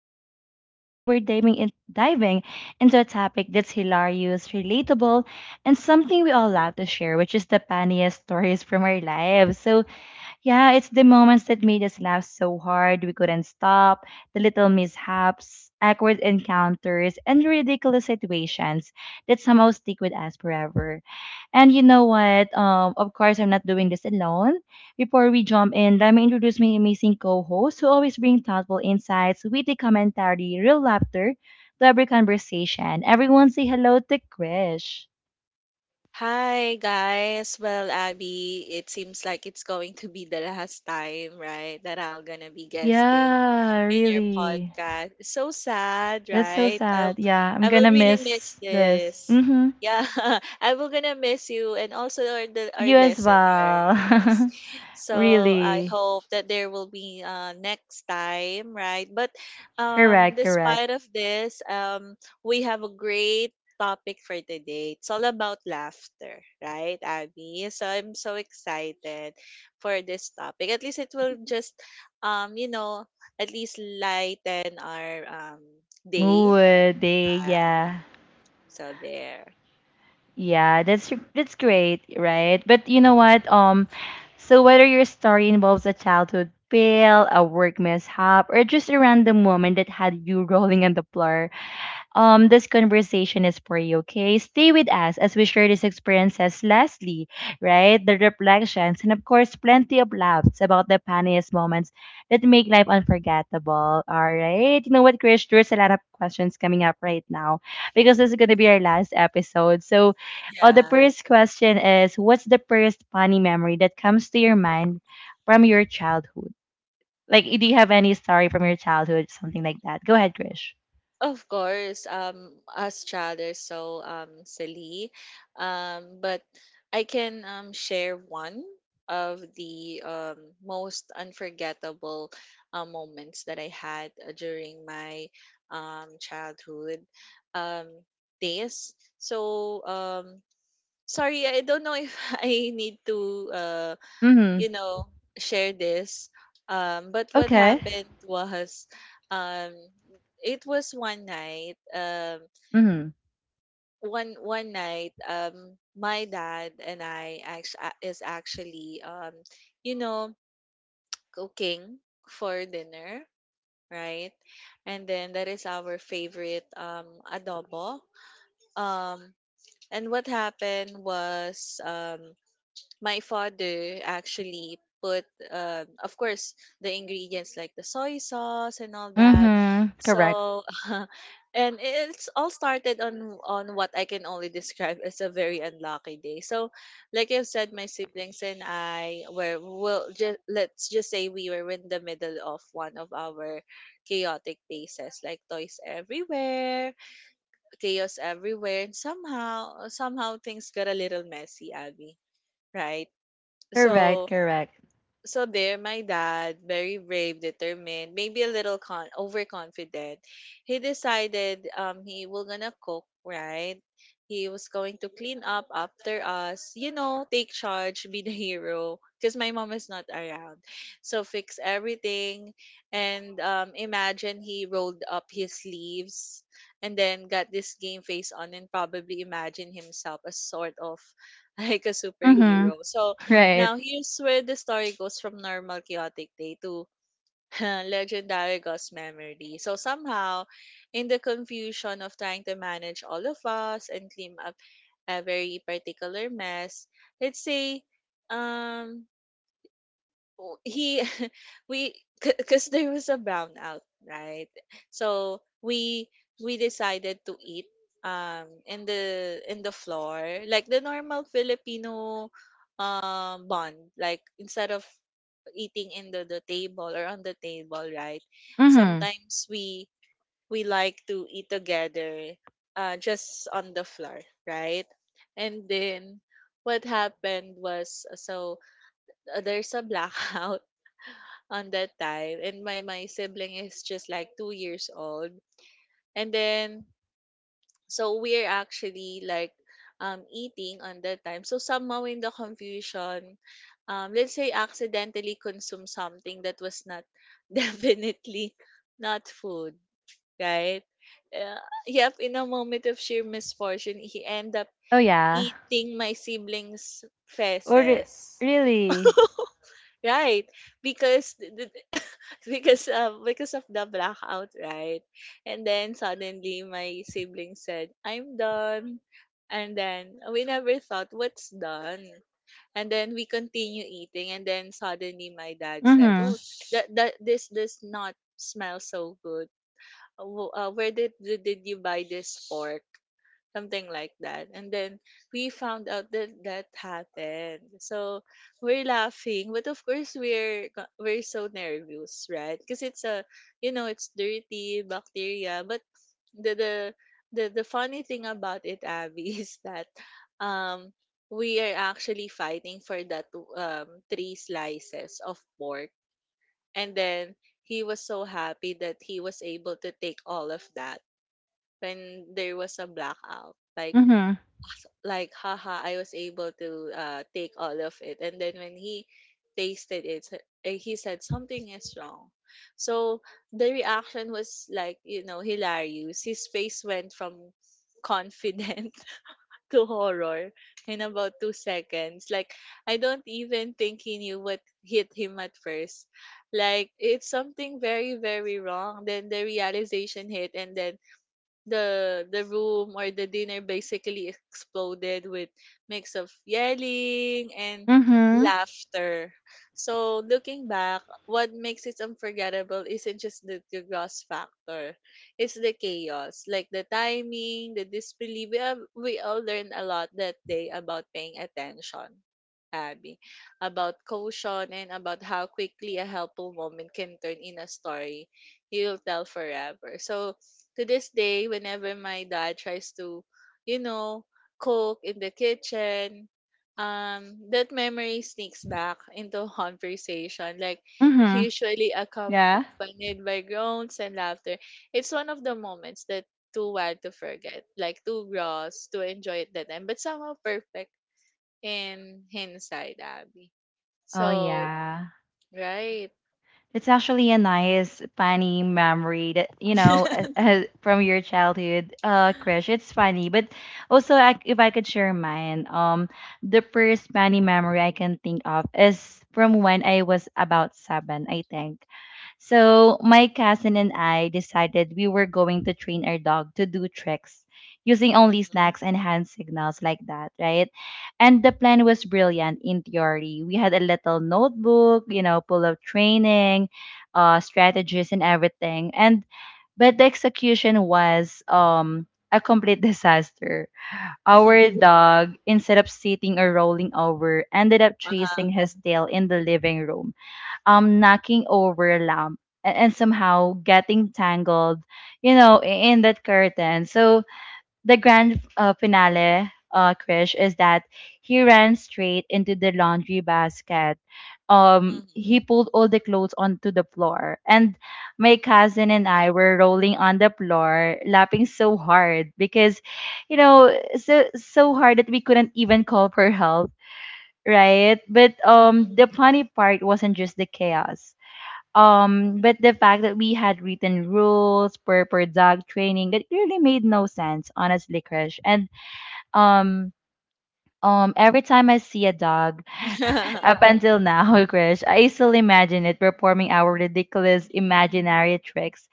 Abby again. Today we're diving into a topic that's hilarious, relatable, and something we all love to share, which is the funniest stories from our lives. So yeah, it's the moments that made us laugh so hard we couldn't stop, the little mishaps, awkward encounters, and ridiculous situations that somehow stick with us forever. And you know what? Of course, I'm not doing this alone. Before we jump in, let me introduce my amazing co-hosts who always bring thoughtful insights, witty commentary, real laughter to every conversation. Everyone say hello to Krish. Hi guys. Well, Abby, it seems like it's going to be the last time, right, that I'm gonna be guesting Yeah, in your really. podcast. It's so sad, That's so right? Sad. Yeah, I'm I will gonna really miss miss this. this. Mm-hmm. Yeah, I will gonna miss you and also our You as listeners. well. So I Really. hope that there will be next time, right? But Correct, correct. despite of this, we have a great topic for today. It's all about laughter, right, Abby? So I'm so excited for this topic. At least it will just, um, you know, at least lighten our day. Mood day, Yeah. yeah. So there. Yeah, that's great, right? But you know Mhm. what? So whether your story involves a childhood fail, a work mishap, or just a random moment that had you rolling on the floor, this conversation is for you. Okay, stay with us as we share these experiences. Lastly, right, the reflections and of course, plenty of laughs about the funniest moments that make life unforgettable. All right, you know what, Chris? There's a lot of questions coming up right now because this is going to be our last episode. So oh, the Yeah. first question is, what's the first funny memory that comes to your mind from your childhood? Like, do you have any story from your childhood, something like that? Go ahead, Krish. Of course, as child, so silly, but I can share one of the most unforgettable moments that I had during my childhood um days. So sorry, I don't know if I need to uh Mm-hmm. you know, share this. But what Okay. happened was, um, it was one night, Mm-hmm. one one night, my dad and I act- a- is actually, you know, cooking for dinner, right? And then that is our favorite adobo. Um, and what happened was, my father actually put of course the ingredients like the soy sauce and all that Mm-hmm. Correct. so and it's all started on what I can only describe as a very unlucky day. So like I've said, my siblings and I were, well, just let's just say we were in the middle of one of our chaotic phases, like toys everywhere, chaos everywhere, and somehow things got a little messy, Abby, right? Correct. So, Correct. so there my dad, very brave, determined, maybe a little con overconfident, he decided he will gonna cook, right? He was going to clean up after us, you know, take charge, be the hero because my mom is not around, so fix everything. And imagine he rolled up his sleeves and then got this game face on, and probably imagine himself as sort of like a Mm-hmm. superhero. So Right. now, here's where the story goes from normal chaotic day to legendary ghost memory. So somehow, in the confusion of trying to manage all of us and clean up a very particular mess, let's say, um, w- he we, because there was a brownout, right? So we decided to eat in the floor, like the normal Filipino bond, like instead of eating in the table or on the table, right? Mm-hmm. Sometimes we like to eat together just on the floor, right? And then what happened was so there's a blackout on that time and my sibling is just like 2 years old. And then so we're actually like eating on that time. So somehow in the confusion, let's say accidentally consume something that was not definitely not food, right? uh, yep, in a moment of sheer misfortune he end up Oh yeah. eating my siblings Or re- feces. Really? Right, because because of the blackout, right? And then suddenly my sibling said, "I'm done," and then we never thought what's done, and then we continue eating, and then suddenly my dad said, Mm-hmm. "Oh, that this does not smell so good. Where did you buy this pork?" something like that. And then we found out that that happened. So we're laughing, but of course we're we're so nervous, right? Because it's a, you know, it's dirty bacteria. But the the the funny thing about it, Abby, is that um we are actually fighting for that 3 slices of pork, and then he was so happy that he was able to take all of that when there was a blackout. Like Mm-hmm. like haha, I was able to take all of it. And then when he tasted he said something is wrong. So the reaction was like, you know, hilarious. His face went from confident to horror in about 2 seconds. Like, I don't even think he knew what hit him at first. Like, it's something very, very wrong. Then the realization hit, and then the room or the dinner basically exploded with mix of yelling and Mm-hmm. laughter. So looking back, what makes it unforgettable isn't just the gross factor. It's the chaos, like the timing, the disbelief. We all learned a lot that day about paying attention, Abby, about caution and about how quickly a helpful moment can turn in a story you'll tell forever. So to this day, whenever my dad tries to, you know, cook in the kitchen, that memory sneaks back into conversation, like Mm-hmm. usually Yeah. accompanied by groans and laughter. It's one of the moments that too wild to forget, like too gross to enjoy at that time, but somehow perfect in hindsight, Abby. Oh So, yeah. right. It's actually a nice funny memory that from your childhood, crush. It's funny, but also, if I could share mine, the first funny memory I can think of is from when I was about seven, I think. So my cousin and I decided we were going to train our dog to do tricks using only Mm-hmm. snacks and hand signals like that, right? And the plan was brilliant in theory. We had a little notebook, you know, full of training, strategies and everything. And but the execution was a complete disaster. Mm-hmm. Our dog, instead of sitting or rolling over, ended up Uh-huh. chasing his tail in the living room, knocking over a lamp and somehow getting tangled, you know, i- in that curtain. So the grand finale, Krish, is that he ran straight into the laundry basket. He pulled all the clothes onto the floor, and my cousin and I were rolling on the floor, laughing so hard because, you know, so hard that we couldn't even call for help, right? But Mm-hmm. The funny part wasn't just the chaos. But the fact that we had written rules for dog training that really made no sense, honestly, Krish. And um, every time I see a dog, up until now, Krish, I still imagine it performing our ridiculous imaginary tricks,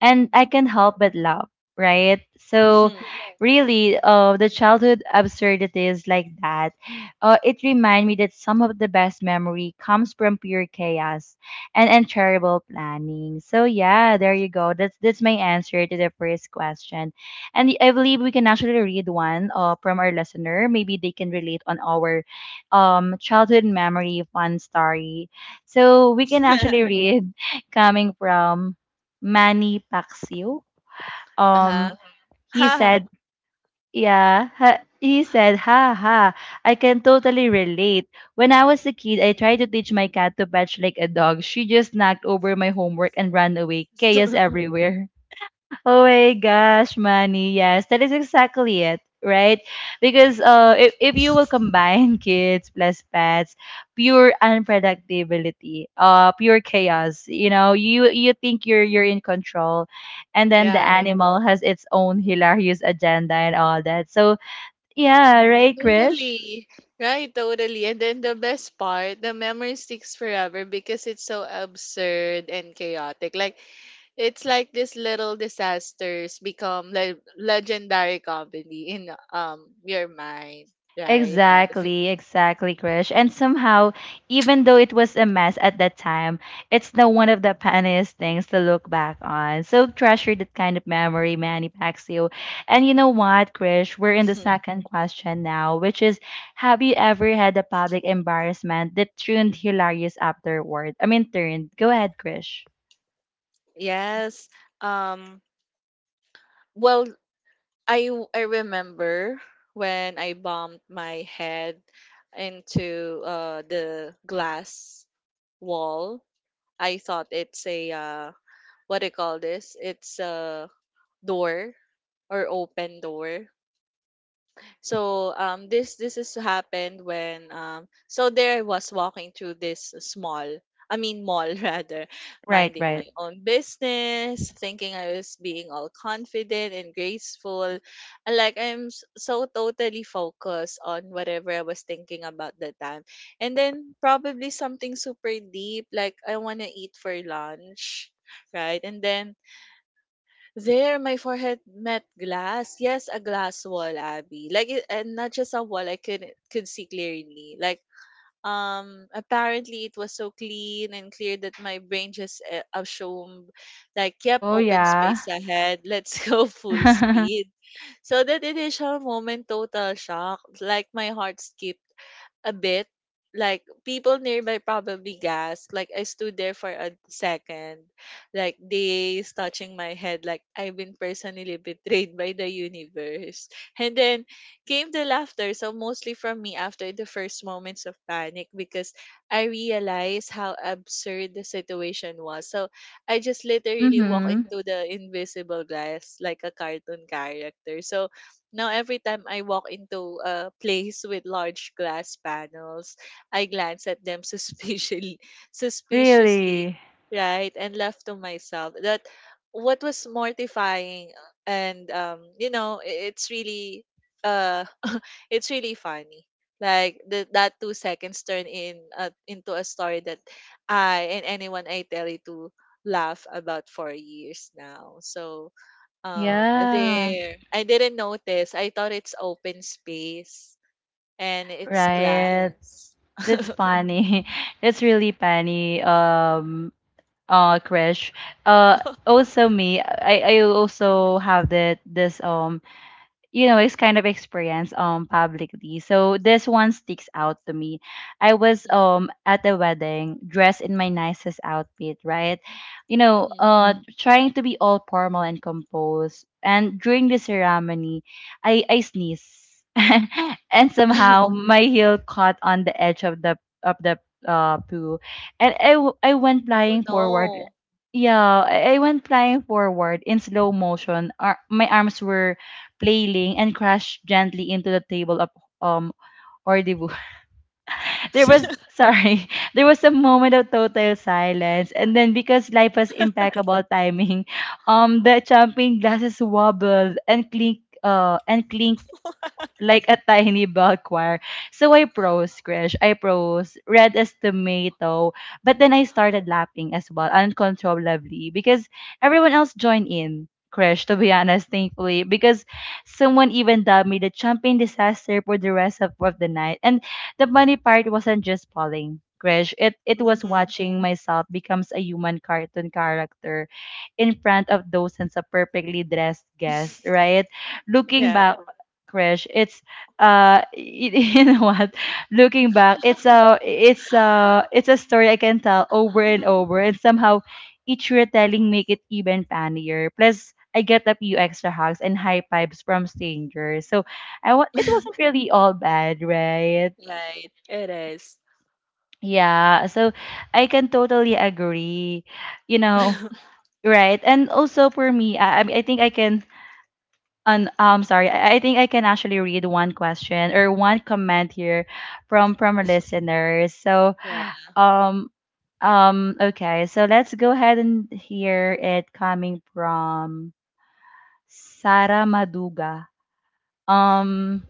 and I can not help but laugh, right? So, Mm-hmm. really, the childhood absurdities like that, it remind me that some of the best memory comes from pure chaos and terrible planning. So yeah, there you go. That's my answer to the first question, and I believe we can actually read one from our listener. Maybe they can relate on our childhood memory fun story. So we can actually read coming from Manny Pacquiao. Uh-huh. Um, he Ha. said, yeah, ha, he said, ha ha, I can totally relate. When I was a kid, I tried to teach my cat to patch like a dog. She just knocked over my homework and ran away. Chaos everywhere. Oh my gosh, Manny. Yes, that is exactly it, right? Because if you will combine kids plus pets, pure unpredictability, pure chaos. You know, you think you're in control, and then the Yeah, right. animal has its own hilarious agenda and all that. So yeah, right, Krish? Totally. Right, totally. And then the best part, the memory sticks forever because it's so absurd and chaotic. Like, it's like these little disasters become legendary comedy in your mind, right, Alvin? Exactly, exactly, Krish. And somehow, even though it was a mess at that time, it's now one of the funniest things to look back on. So treasure that kind of memory, Manny Pacquiao. And you know what, Krish? We're in the second question now, which is, have you ever had a public embarrassment that turned hilarious afterward? I mean, turned. Go ahead, Krish. Yes. Um, well, I remember when I bumped my head into the glass wall. I thought it's a what do you call this? It's a door or open door. So this is happened when so there I was walking through this small, I mean mall rather, Right, minding right. my own business, thinking I was being all confident and graceful, and like I'm so totally focused on whatever I was thinking about that time, and then probably something super deep like I wanna eat for lunch, right, and then there, my forehead met glass. Yes, a glass wall, Abby. Like, it, and not just a wall. I could see clearly. Like, apparently it was so clean and clear that my brain just assumed, like, yep, Oh open yeah. space ahead. Let's go full speed. So that initial moment, total shock. Like my heart skipped a bit. Like people nearby probably gasped. Like I stood there for a second, like they touching my head, like I've been personally betrayed by the universe. And then came the laughter, so mostly from me after the first moments of panic because I realized how absurd the situation was. So I just literally walk Mm-hmm. into the invisible glass like a cartoon character. So now, every time I walk into a place with large glass panels, I glance at them suspiciously, suspiciously, Really? right, and laugh to myself. That what was mortifying, and you know, it's really, uh, it's really funny. Like that 2 seconds turn in into a story that I and anyone I tell it to laugh about for years now. So Yeah. there. I didn't notice. I thought it's open space and it's Right. glass. That's funny. That's really funny. Crash. Also me. I also have that this you know this kind of experience publicly, so this one sticks out to me. I was Mhm, at a wedding dressed in my nicest outfit, right? You know mhm. uh Mm. Trying to be all formal and composed, and during the ceremony, I sneeze, and somehow my heel caught on the edge of the of the pool, and I went Oh flying forward. no. Yeah, I went flying forward in slow motion. My arms were flailing, and crashed gently into the table of um rendezvous. There was sorry, there was a moment of total silence, and then because life was impeccable timing, the champagne glasses wobbled and clinked, and clinked like a tiny bell choir. So I prose, Krish. I prose, red as tomato. But then I started laughing as well, uncontrollably, because everyone else joined in, Krish, to be honest, thankfully, because someone even dubbed me the champion disaster for the rest of the night. And the funny part wasn't just falling. Krish, it was Hmm. watching myself becomes a human cartoon character in front of dozens of perfectly dressed guests, right? Looking Yeah. back, Krish, it's you know what? Looking back, it's a story I can tell over and over, and somehow each retelling make it even funnier. Plus, I get a few extra hugs and high fives from strangers, so it wasn't really all bad, right? Right. It is. Yeah, so I can totally agree. You know, right. And also for me, I think I can And sorry, I think I can actually read one question or one comment here from our listeners. So Yeah. um okay, so let's go ahead and hear it coming from Sarah Maduga. Um,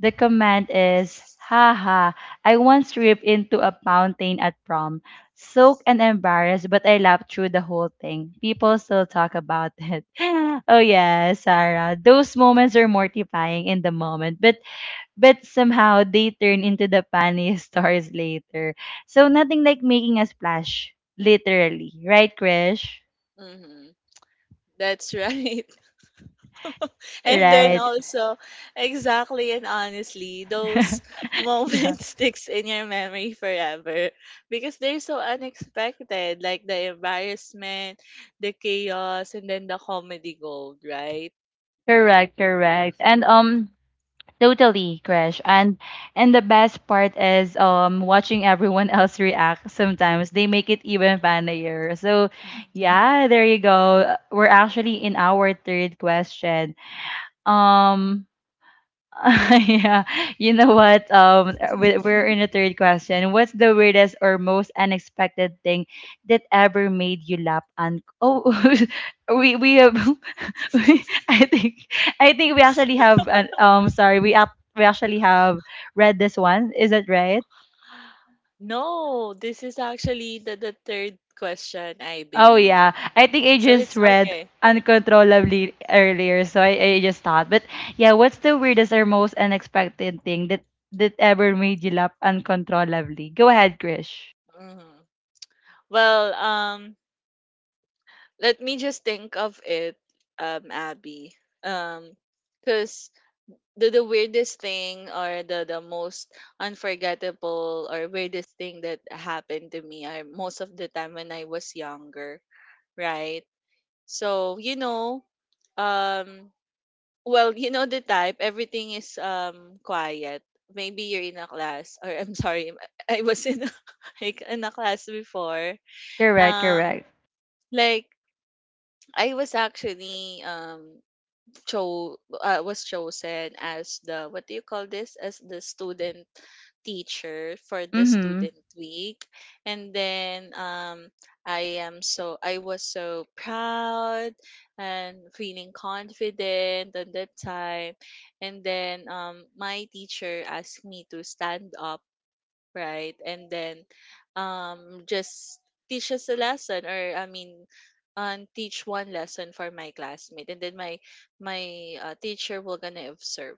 the command is haha. I once ripped into a fountain at prom, soaked and embarrassed, but I laughed through the whole thing. People still talk about it. Oh yeah, Sarah. Those moments are mortifying in the moment, but somehow they turn into the funniest stories later. So nothing like making a splash, literally, right, Krish? Hmm. That's right. And then Right. also exactly, and honestly those Yeah. moments sticks in your memory forever because they're so unexpected, like the embarrassment, the chaos, and then the comedy gold, right? Correct, correct. And Totally, Crash. And the best part is watching everyone else react. Sometimes they make it even funnier. So, Mhm. yeah, there you go. We're actually in our third question. Um yeah, you know what? We're in the third question. What's the weirdest or most unexpected thing that ever made you laugh and oh, we have I think we actually have an sorry we actually have read this one. Is it right? No, this is actually the third question I Oh believe, yeah, I think I so just it's read okay. uncontrollably earlier, so I just thought. But yeah, what's the weirdest or most unexpected thing that ever made you laugh uncontrollably? Go ahead, Krish. Mhm. Well, let me just think of it, Abby, um 'cause the weirdest thing or the most unforgettable or weirdest thing that happened to me are most of the time when I was younger, right? So, you know, um well, you know the type, everything is quiet. Maybe you're in a class, or I'm sorry, I was in a, like in a class before. Correct, Um correct. like I was actually cho was chosen as the what do you call this, as the student teacher for the Mm-hmm. student week. And then I am so, I was so proud and feeling confident at that time. And then my teacher asked me to stand up, right? And then just teach us a lesson, or I mean teach one lesson for my classmate, and then my teacher will gonna observe,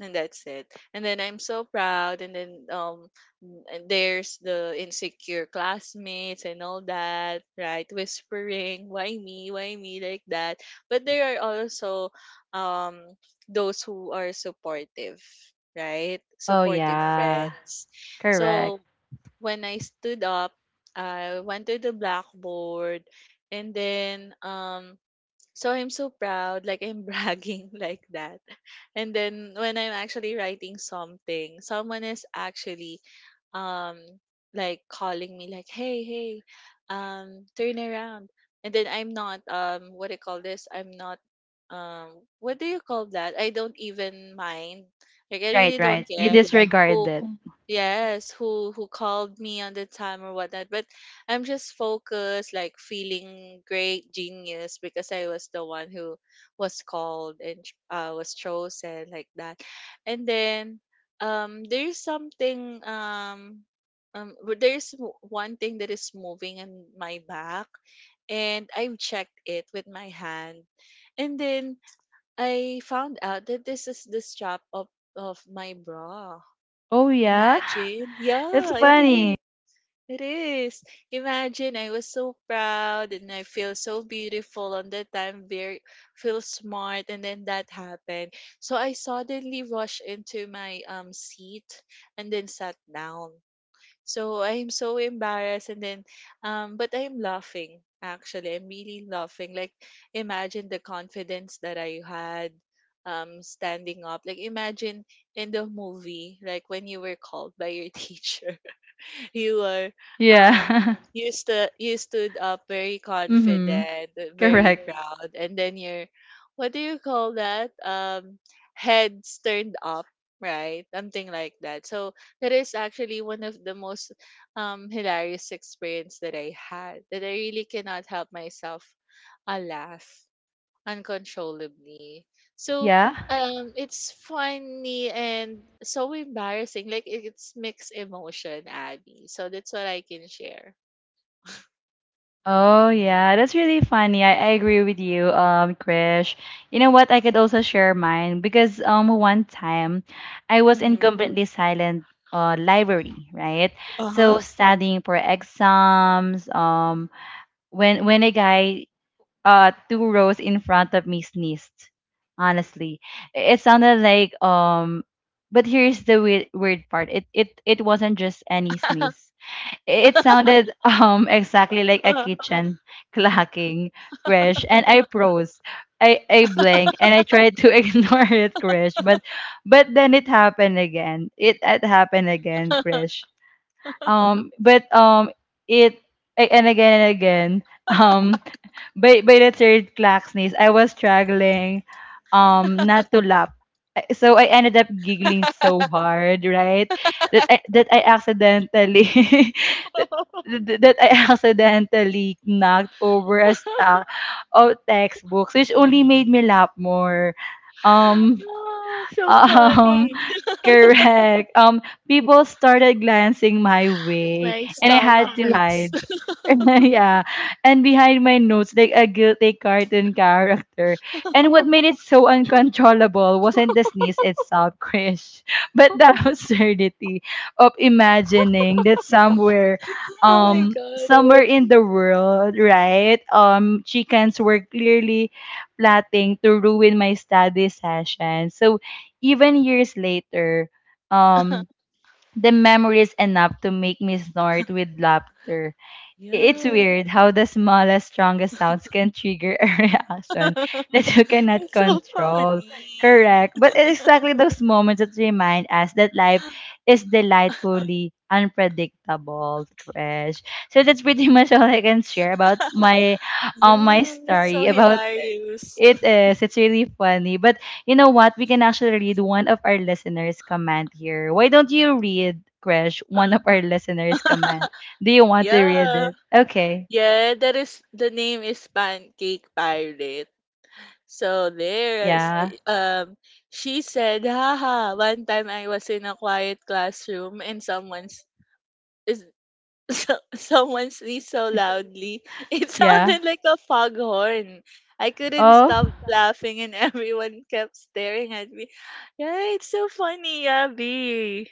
and that's it. And then I'm so proud, and then and there's the insecure classmates and all that, right, whispering why me, why me, like that. But there are also um those who are supportive, right, Oh supportive yeah, friends. So correct. when I stood up, I went to the blackboard, and then so I'm so proud, like I'm bragging like that. And then when I'm actually writing something, someone is actually um like calling me like, hey, hey, turn around. And then I'm not what do you call this? I'm not what do you call that? I don't even mind. Like I really Right, right. don't You care disregard who it. Yes, who called me on the time or whatnot. But I'm just focused, like feeling great genius because I was the one who was called and was chosen like that. And then there's something. One thing that is moving in my back, and I've checked it with my hand, and then I found out that this is the strap of my bra. Oh yeah, Imagine. that's Yeah, it funny. is. It is. Imagine I was so proud and I feel so beautiful on that time, very feel smart, and then that happened. So I suddenly rushed into my seat and then sat down. So I'm so embarrassed, and then but I'm laughing actually. I'm really laughing. Like imagine the confidence that I had standing up. Like imagine in the movie like when you were called by your teacher, you were um Yeah. you stood up very Mhm. confident, very Correct. proud, and then your what do you call that? Heads turned up, right? Something like that. So that is actually one of the most hilarious experience that I had that I really cannot help myself a laugh uncontrollably. So Yeah. It's funny and so embarrassing. Like it's mixed emotion, Abby. So that's what I can share. Oh yeah, that's really funny. I agree with you, Krish. You know what? I could also share mine because one time I was in Hmm. completely silent library, right? Uh-huh. So studying for exams, when a guy two rows in front of me sneezed. Honestly. It sounded like but here's the weird part. It wasn't just any sneeze. It sounded exactly like a kitchen clacking, crash, and I froze. I blinked and I tried to ignore it, crash, but then it happened again. It happened again, crash. Um, but um, it and again and again. Um, by the third class niece, I was struggling not to laugh. So I ended up giggling so hard, right? That I accidentally that, that I accidentally knocked over a stack of textbooks, which only made me laugh more. Um Oh, so um funny. correct. People started glancing my way, My and I stomach had to hurts. hide. Yeah. And behind my nose, like a guilty cartoon character. And what made it so uncontrollable wasn't the sneeze itself, Krish, but the absurdity of imagining that somewhere, Oh my god. somewhere in the world, right, chickens were clearly plotting to ruin my study session. So even years later, um, the memory is enough to make me snort with laughter. It's Yeah. weird how the smallest, strongest sounds can trigger a reaction that you cannot It's so control. funny. Correct. But it's exactly those moments that remind us that life is delightfully unpredictable, Crash. So that's pretty much all I can share about my Yeah, my it's so story about hilarious. it is. It's really funny. But you know what? We can actually read one of our listeners' comment here. Why don't you read, Krish, one of our listeners' comment? Do you want to read Yeah. it? Okay. Yeah, that is, the name is Pancake Pirate. So there's Yeah. She said, "Haha, one time I was in a quiet classroom and someone's is so, someone sneezed so loudly. It Yeah. sounded like a foghorn. I couldn't Oh. stop laughing and everyone kept staring at me." Yeah, it's so funny, Abby.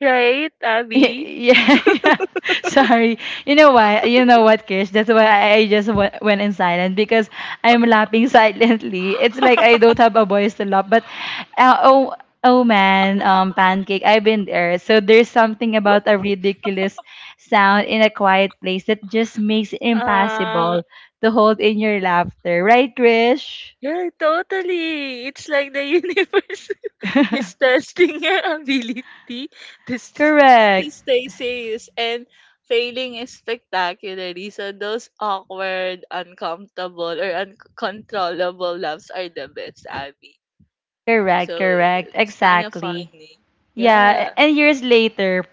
Right, Abby? yeah, yeah. Sorry. You know why? You know what, Krish? That's why I just went in silent because I'm laughing silently. It's like I don't have a voice to laugh. But oh, oh man, pancake. I've been there. So there's something about a ridiculous sound in a quiet place that just makes it Ah. impossible to hold in your laughter, right, Krish? Yeah, totally. It's like the universe is testing your ability to, st- to correct. stay serious and failing is spectacularly. So those awkward, uncomfortable, or uncontrollable laughs are the best, Abby. Correct. So Correct. it's kind of Exactly. funny. Yeah, Yeah. and years later,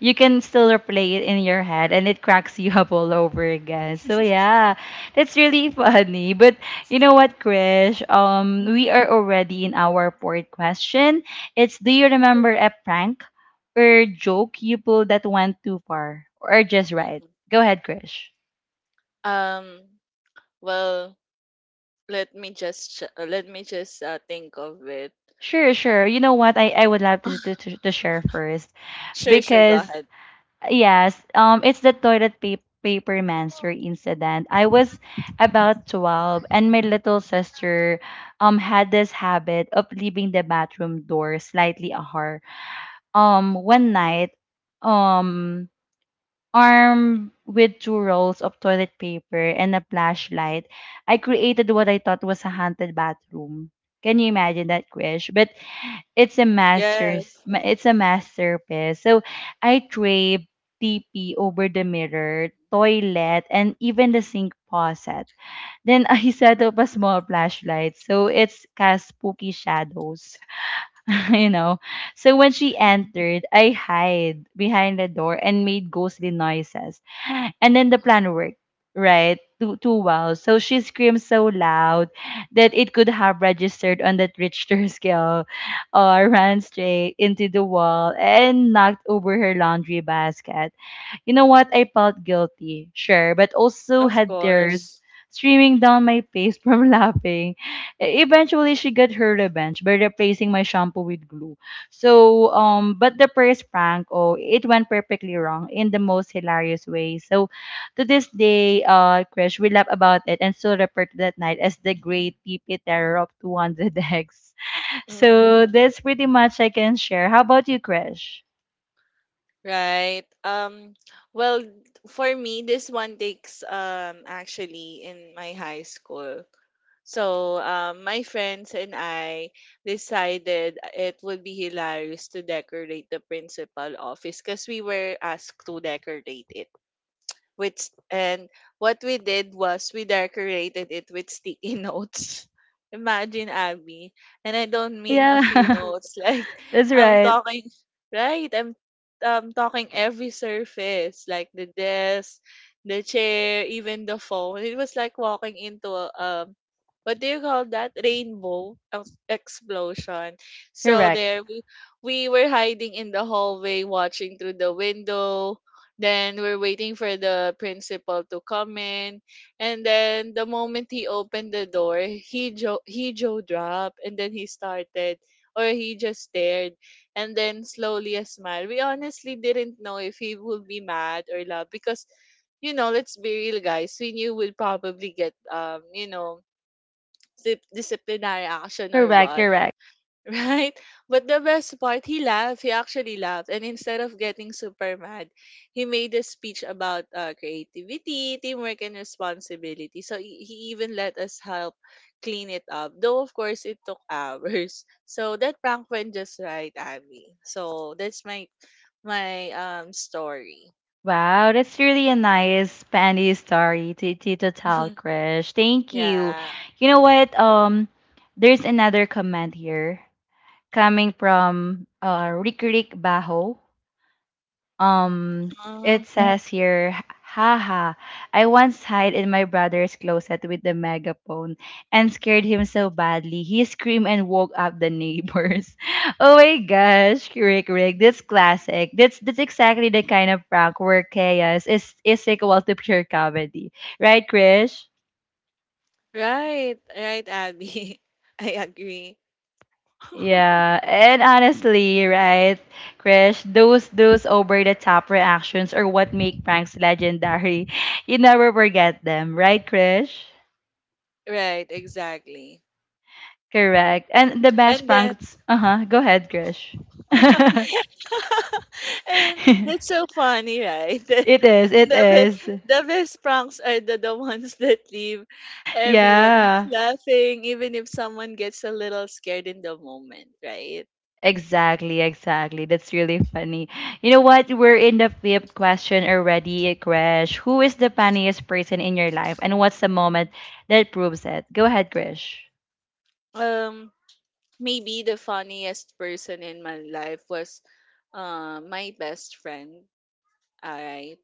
you can still replay it in your head and it cracks you up all over again. So yeah, that's really funny. But you know what, Krish? We Mhm, are already in our fourth question. It's do you mhm, remember a prank or joke you pulled that went too far or just right? mhm. Go ahead, Krish. Um. Well, let me just let me just think of it. Sure, sure. You know what? I would love to, to share first Sure, sure. Go because ahead. yes, it's the toilet paper monster incident. I was about 12 and my little sister had this habit of leaving the bathroom door slightly ajar. One night, um, armed with two rolls of toilet paper and a flashlight, I created what I thought was a haunted bathroom. Can you imagine that, Krish? But it's a Yes. It's a masterpiece. So I crave TP over the mirror toilet and even the sink faucet. Then I set up a small flashlight so it's cast spooky shadows, you know. So when she entered, I hide behind the door and made ghostly noises. And then the plan worked, right? Too well. So she screamed so loud that it could have registered on that Richter scale or ran straight into the wall and knocked over her laundry basket. You know what? I felt guilty, sure, but also Of had tears course. streaming down my face from laughing. Eventually, she got her revenge by replacing my shampoo with glue. So, but the first prank, oh, it went perfectly wrong in the most hilarious way. So, to this day, Krish, we laugh about it and still refer to that night as the great TP terror of 200 eggs. So, Hmm. that's pretty much I can share. How about you, Krish? Right. Well, for me, this one takes actually in my high school. So my friends and I decided it would be hilarious to decorate the principal office because we were asked to decorate it, which. And what we did was we decorated it with sticky notes. Imagine, Abby, and I don't mean a few Yeah, notes. Like that's I'm right. talking, right? I'm talking every surface, like the desk, the chair, even the phone. It was like walking into a what do you call that? Rainbow explosion. So Correct. there we were hiding in the hallway, watching through the window, then we're waiting for the principal to come in. And then the moment he opened the door, he Joe dropped and then he started or he just stared, and then slowly a smile. We honestly didn't know if he would be mad or love because, you know, let's be real guys, we knew we'd probably get you know, disciplinary action or Correct, what. correct. Right? But the best part, he laughed. He actually laughed. And instead of getting super mad, he made a speech about creativity, teamwork, and responsibility. So he even let us help clean it up. Though, of course, it took hours. So that prank went just right, Abby. So that's my my story. Wow, that's really a nice funny story to, to tell, Krish. Thank you. Yeah. You know what? There's another comment here coming from Rick Rick Baho. Um, Uh-huh. it says here, haha, I once hid in my brother's closet with the megaphone and scared him so badly he screamed and woke up the neighbors. oh my gosh, Rick Rick, that's classic. That's exactly the kind of prank where chaos is equal to pure comedy, right, Krish? Right. Right, Abby. I agree. Yeah, and honestly, right, Krish, those over the top reactions are what make pranks legendary. You never forget them, right, Krish? Right, exactly. Correct. And the best And then pranks, uh-huh, go ahead, Krish. and it's so funny, right? It is, it is. The best pranks are the ones that leave everyone Yeah. laughing, even if someone gets a little scared in the moment, right? Exactly, exactly. That's really funny. You know what? We're in the fifth question already, Krish. Who is the funniest person in your life and what's the moment that proves it? Go ahead, Krish. Um, maybe the funniest person in my life was my best friend. Alright.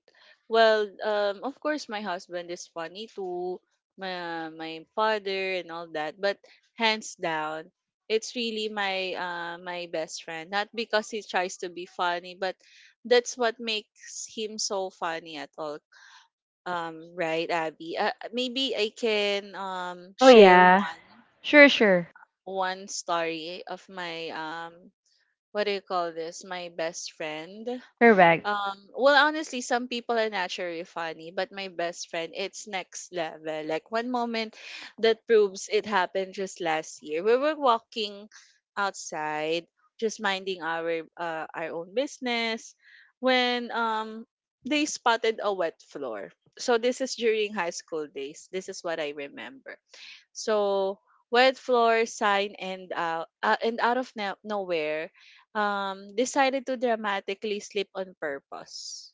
Well, of course, my husband is funny too, my father and all that. But hands down, it's really my my best friend. Not because he tries to be funny, but that's what makes him so funny at all. Right, Abby? Maybe I can Oh share yeah. one Sure, sure. one story of my what do you call this? My best friend. Correct. Well, honestly, some people are naturally funny, but my best friend, it's next level. Like one moment that proves it happened just last year. We were walking outside, just minding our own business, when they spotted a wet floor. So this is during high school days. This is what I remember. So wet floor sign, and out of nowhere decided to dramatically slip on purpose,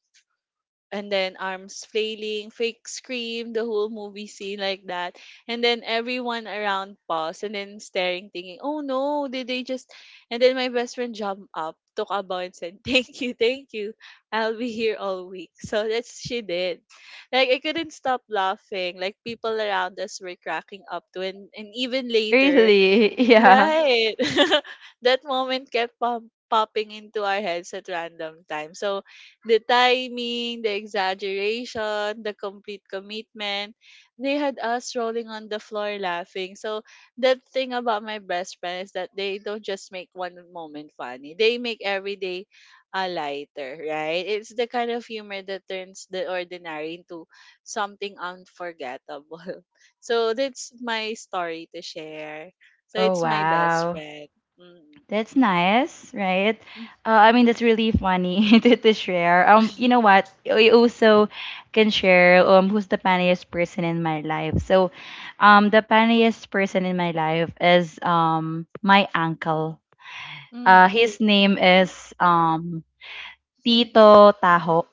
and then arms flailing, fake scream, the whole movie scene like that. And then everyone around paused and then staring, thinking, oh no, did they just. And then my best friend jumped up, took a bow, and said, thank you, thank you. I'll be here all week. So that's she did. Like, I couldn't stop laughing. Like, people around us were cracking up to, and even later. Really? Yeah. Right. That moment kept popping into our heads at random times. So the timing, the exaggeration, the complete commitment, they had us rolling on the floor laughing. So that thing about my best friend is that they don't just make one moment funny. They make every day a lighter, right? It's the kind of humor that turns the ordinary into something unforgettable. So that's my story to share. So Oh it's my best wow. friend. Mm. That's nice, right? I mean Mm-hmm. that's really funny to share. You know what? I also can share who's the funniest person in my life. So the funniest person in my life is my uncle. Mm-hmm. His name is Tito Taho.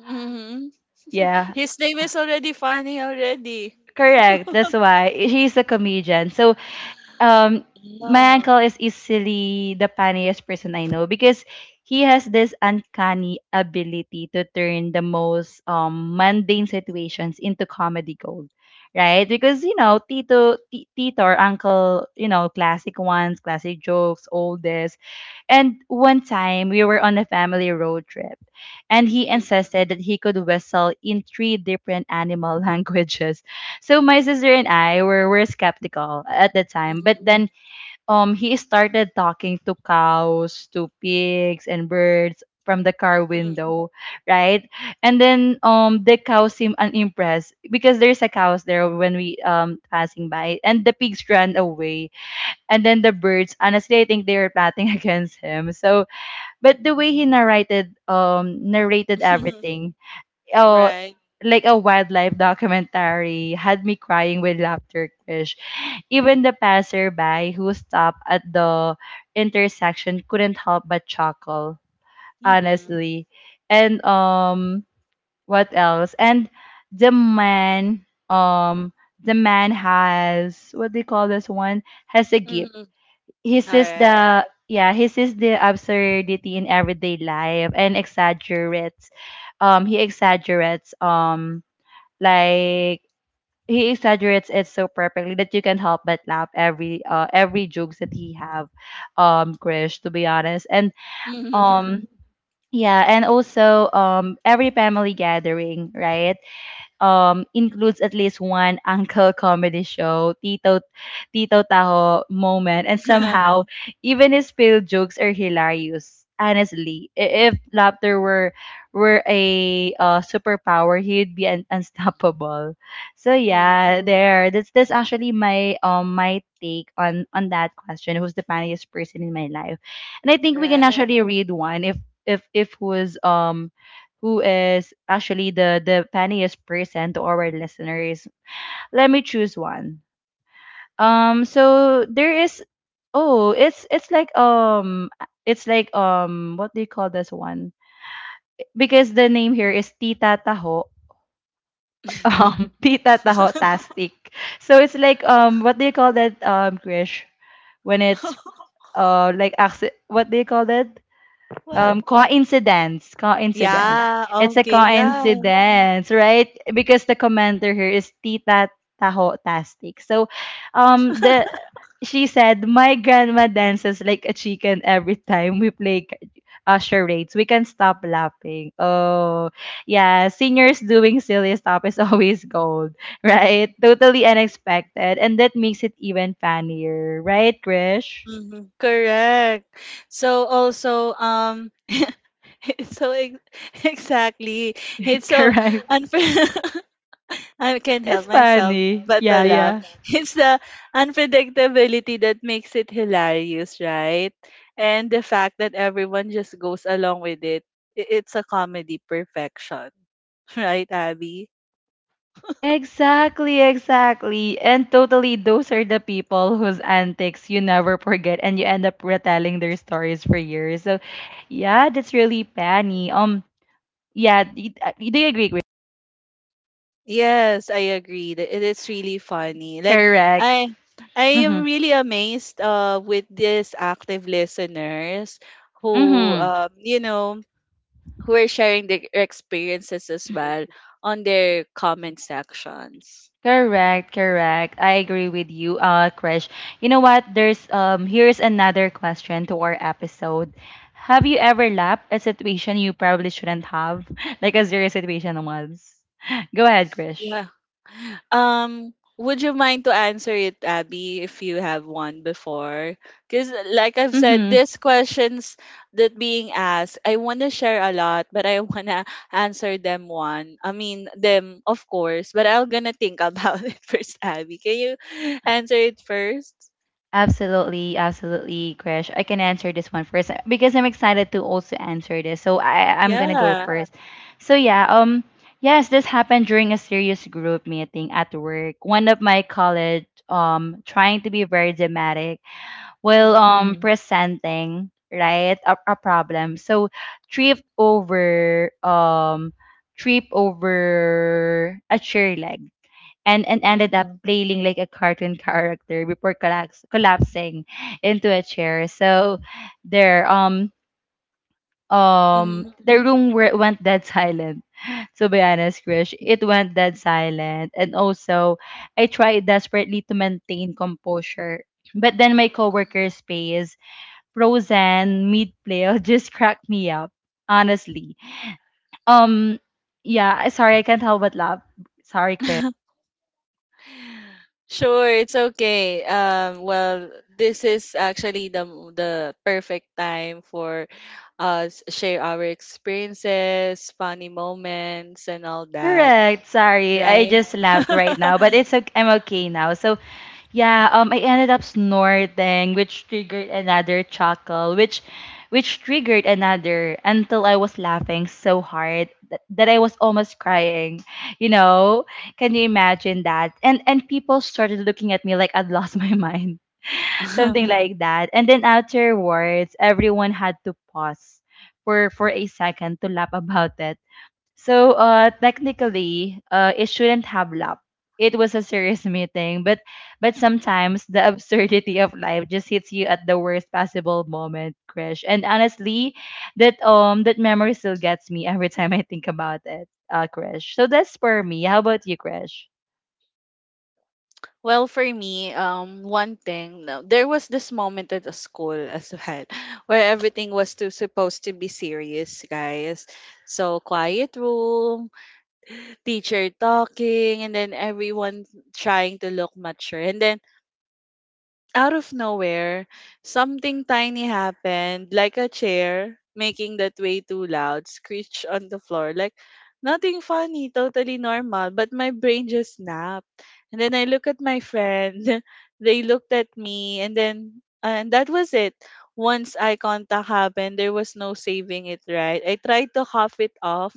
Mm-hmm. Yeah. His name is already funny already. Correct. That's why he's a comedian. So um my No. uncle is easily the funniest person I know because he has this uncanny ability to turn the most mundane situations into comedy gold. Right? Because you know, Tito or Uncle, you know, classic ones, classic jokes, all this. And one time we were on a family road trip, and he Mm-hmm. insisted that he could whistle in three different animal languages. So my sister and I were skeptical at the time, but Mm-hmm. then he started talking to cows, to pigs and birds from the car window, right? And then the cows seemed unimpressed because there's a cows there when we passing by, and the pigs ran away, and then the birds, honestly, I think they were plotting against him. So but the way he narrated narrated Mm-hmm. everything, oh, Right. like a wildlife documentary, had me crying with laughter, Krish. Even the passerby who stopped at the intersection couldn't help but chuckle, Mm-hmm. honestly. And what else? And the man the man has what do you call this one? Has a gift. Mm-hmm. All He sees right. the yeah he sees the absurdity in everyday life and exaggerates. He exaggerates like he exaggerates it so perfectly that you can help but laugh every jokes that he have, Krish, to be honest. And Mm-hmm. um yeah, and also every family gathering, right, includes at least one uncle comedy show, Tito Taho moment, and somehow even his failed jokes are hilarious. Honestly, if laughter were a superpower, he'd be unstoppable. So Mm-hmm. yeah, there. That's actually my take on that question. Who's the funniest person in my life? And I think we can Right. actually read one if if who's who is actually the funniest person to our listeners. Let me choose one. So there is oh, it's like it's like what do you call this one? Because the name here is Tita Taho. Tita Taho Tastic. So it's like what do you call that Krish, when it's like what do you call that? What? Coincidence, coincidence. Yeah. Yeah. It's a Okay. Yeah. coincidence, right? Because the commenter here is Tita Taho Tastic. So, the she said my grandma dances like a chicken every time we play charades. We can stop laughing. Oh, yeah. Seniors doing silly stuff is always gold, right? Totally unexpected, and that makes it even funnier, right, Krish? Mm-hmm. Correct. So also. It's so exactly. It's so correct. unfair. I can't It's help myself funny. but to Yeah, laugh. yeah. It's the unpredictability that makes it hilarious, right? And the fact that everyone just goes along with it. It's a comedy perfection, right, Abby? Exactly, exactly. And totally, those are the people whose antics you never forget and you end up retelling their stories for years. So, yeah, that's really funny. Yeah, do you agree with Yes, I agree that it is really funny. Like correct. I I am Mm-hmm. really amazed with these active listeners who, Mm-hmm. um, you know, who are sharing their experiences as well on their comment sections. Correct, correct. I agree with you, Krish. You know what? There's here's another question to our episode. Have you ever laughed at a situation you probably shouldn't have? Like a serious situation, Mabs. Go ahead, Krish. Yeah. Would you mind to answer it, Abby, if you have one before? Because, like I've said, Mm-hmm. these questions that being asked, I want to share a lot, but I want to answer them one. I mean, them, of course, but I will gonna think about it first, Abby. Can you answer it first? Absolutely, absolutely, Krish. I can answer this one first because I'm excited to also answer this. So I'm gonna go Yeah. first. So yeah, yes, this happened during a serious group meeting at work. One of my colleagues trying to be very dramatic while Mm-hmm. Presenting, right, a problem. So tripped over trip over a chair leg and ended Mm-hmm. up mm flailing like a cartoon character before collapsing into a chair. So there Mm-hmm. the room where went dead silent. To be honest, Krish, it went dead silent. And also I tried desperately to maintain composure. But then my coworker's space, frozen mid play, just cracked me up. Honestly. Um yeah, sorry, I can't help but laugh. Sorry, Chris. Sure, it's okay. Well, this is actually the the perfect time for us share our experiences, funny moments, and all that, Correct. Sorry, I right? just laughed right now, but it's okay. I'm okay now. So yeah, I ended up snorting, which triggered another chuckle, which triggered another until I was laughing so hard that I was almost crying. You know, can you imagine that? And people started looking at me like I'd lost my mind, something like that. And then afterwards, everyone had to pause for a second to laugh about it. So technically, it shouldn't have lapped. It was a serious meeting, but sometimes the absurdity of life just hits you at the worst possible moment, Krish. And honestly, that memory still gets me every time I think about it, Krish. So that's for me. How about you, Krish? Well, for me, one thing, no, there was this moment at the school as well, where everything was supposed to be serious, guys. So quiet room, teacher talking, and then everyone trying to look mature. And then out of nowhere, something tiny happened, like a chair making that way too loud, screech on the floor. Like nothing funny, totally normal. But my brain just snapped. And then I look at my friend, they looked at me, and then and that was it. Once eye contact happened, there was no saving it, right? I tried to cough it off,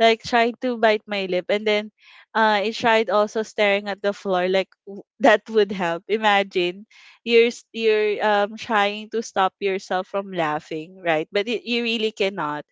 like tried to bite my lip, and then I tried also staring at the floor, like that would help. Imagine you're trying to stop yourself from laughing, right? But it, you really cannot.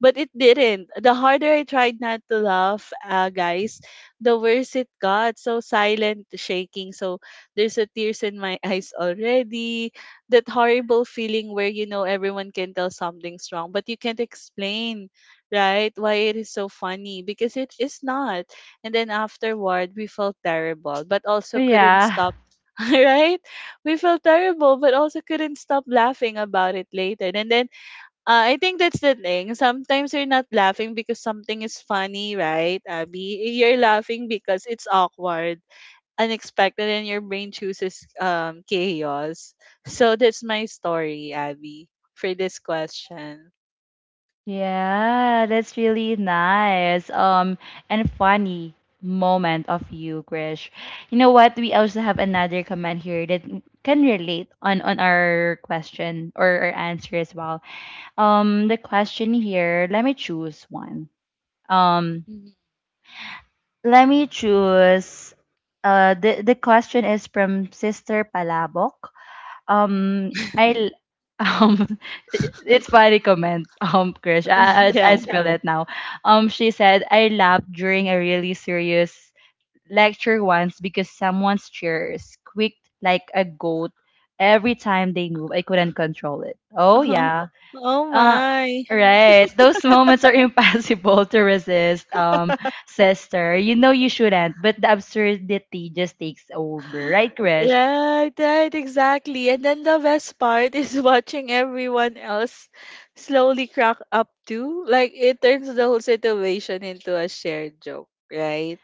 But it didn't. The harder I tried not to laugh, guys, the worse it got. So silent, shaking. So there's a tears in my eyes already. That horrible feeling where you know everyone can tell something's wrong, but you can't explain, right? Why it is so funny because it is not. And then afterward, we felt terrible, but also couldn't Yeah. stop right? We felt terrible, but also couldn't stop laughing about it later. And then I think that's the thing. Sometimes you're not laughing because something is funny, right, Abby? You're laughing because it's awkward, unexpected, and your brain chooses chaos. So that's my story, Abby, for this question. Yeah, that's really nice. And funny moment of you, Krish. You know what? We also have another comment here that can relate on our question or our answer as well. The question here. Let me choose one. Um, Mhm. Let me choose. The question is from Sister Palabok. I um, it's funny comment. Krish, I Yeah. spell it now. She said I laughed during a really serious lecture once because someone's chair squeaked like a goat every time they move. I couldn't control it. Oh yeah. Oh Uh. my. Right, those moments are impossible to resist, sister. You know you shouldn't, but the absurdity just takes over, right, Krish? Right, right, exactly. And then the best part is watching everyone else slowly crack up too. Like it turns the whole situation into a shared joke, right?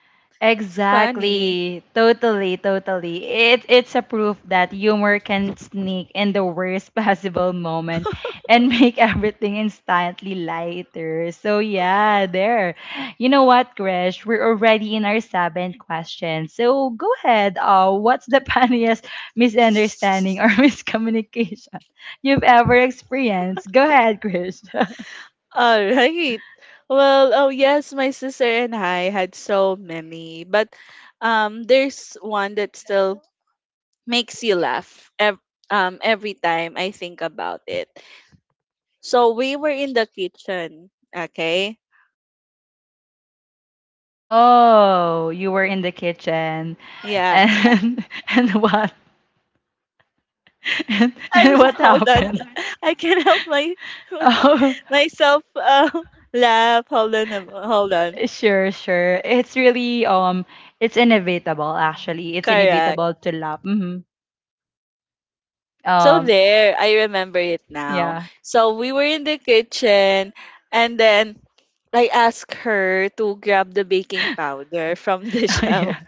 It's funny. Exactly. Totally, totally. It's a proof that humor can sneak in the worst possible moment and make everything instantly lighter. So, yeah, there. You know what, Krish? We're already in our seventh question. So, go ahead. What's the funniest misunderstanding or miscommunication you've ever experienced? Go ahead, Krish. All right. Well, oh yes, my sister and I had so many, but there's one that still makes you laugh every time I think about it. So we were in the kitchen, okay? Oh, you were in the kitchen. Yeah. And, and what? And I'm and what hold on. happened? I can't help my Oh, myself laugh. Hold on, hold on. sure, sure. It's really it's inevitable actually. It's Correct. inevitable to laugh. So Um, there, I remember it now. yeah, So we were in the kitchen, and then I asked her to grab the baking powder from the yeah. shelf.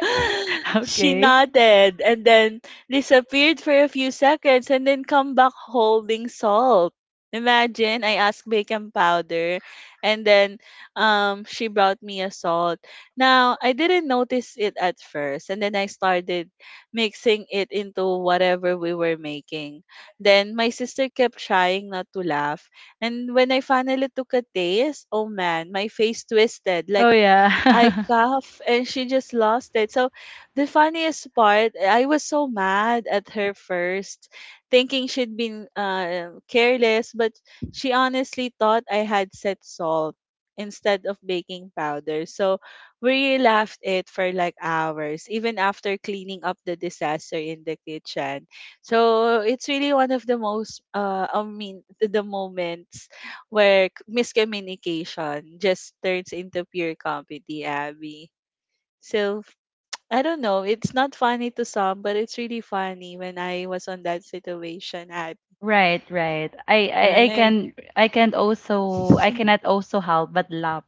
She Okay. nodded and then disappeared for a few seconds and then come back holding salt. Imagine I asked bacon powder and then she brought me a salt. Now I didn't notice it at first and then I started mixing it into whatever we were making. Then my sister kept trying not to laugh, and when I finally took a taste, oh man, my face twisted like Oh yeah. I cough and she just lost it. So the funniest part, I was so mad at her first, thinking she'd been careless, but she honestly thought I had set salt instead of baking powder. So we laughed it for like hours, even after cleaning up the disaster in the kitchen. So it's really one of the most the moments where miscommunication just turns into pure comedy, Abby. So f- I don't know, it's not funny to some, but it's really funny when I was on that situation, Abby. Right, right. I Right? can I can also I cannot also help but laugh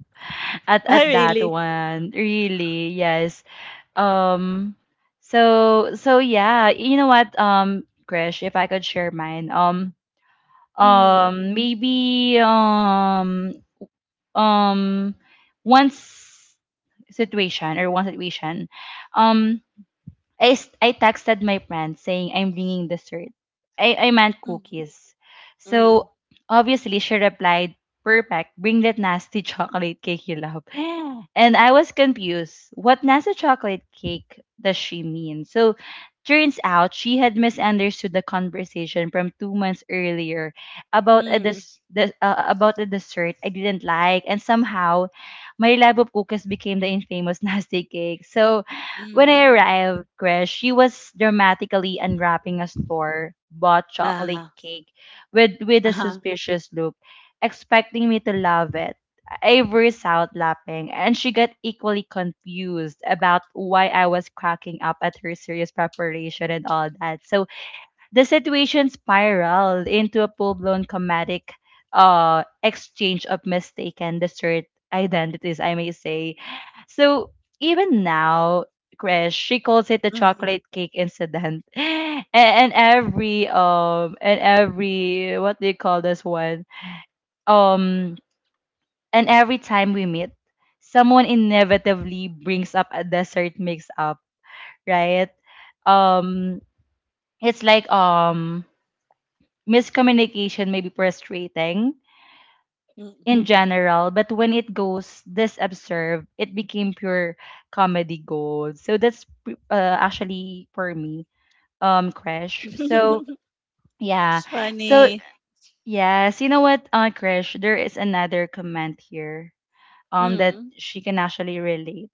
at I that really. one. Really, yes. Um. So so yeah. You know what? Krish, if I could share mine. Mm, Maybe um Once situation or one situation um I texted my friend saying I'm bringing dessert. I meant mm, cookies. mm, So obviously she replied, perfect, bring that nasty chocolate cake you love. And I was confused. What nasty chocolate cake does she mean? So turns out she had misunderstood the conversation from two months earlier about a mm, about a dessert I didn't like and somehow my love of cookies became the infamous nasty cake. So when mm. I arrived, Chris, she was dramatically unwrapping a store bought chocolate Ah, cake with a uh-huh. suspicious look, expecting me to love it. I burst out laughing, and she got equally confused about why I was cracking up at her serious preparation and all that. So the situation spiraled into a full blown comedic exchange of mistaken dessert identities, I may say. So even now, Krish, she calls it the Mm, chocolate cake incident. And every and every what do you call this one? Um and every time we meet, someone inevitably brings up a dessert mix up, right? Um it's like miscommunication may be frustrating mm. in general, but when it goes this observed, it became pure comedy gold. So actually for me, Crash. So yeah, It's so funny. yes, you know what, Crash, there is another comment here, that Mm. she can actually relate.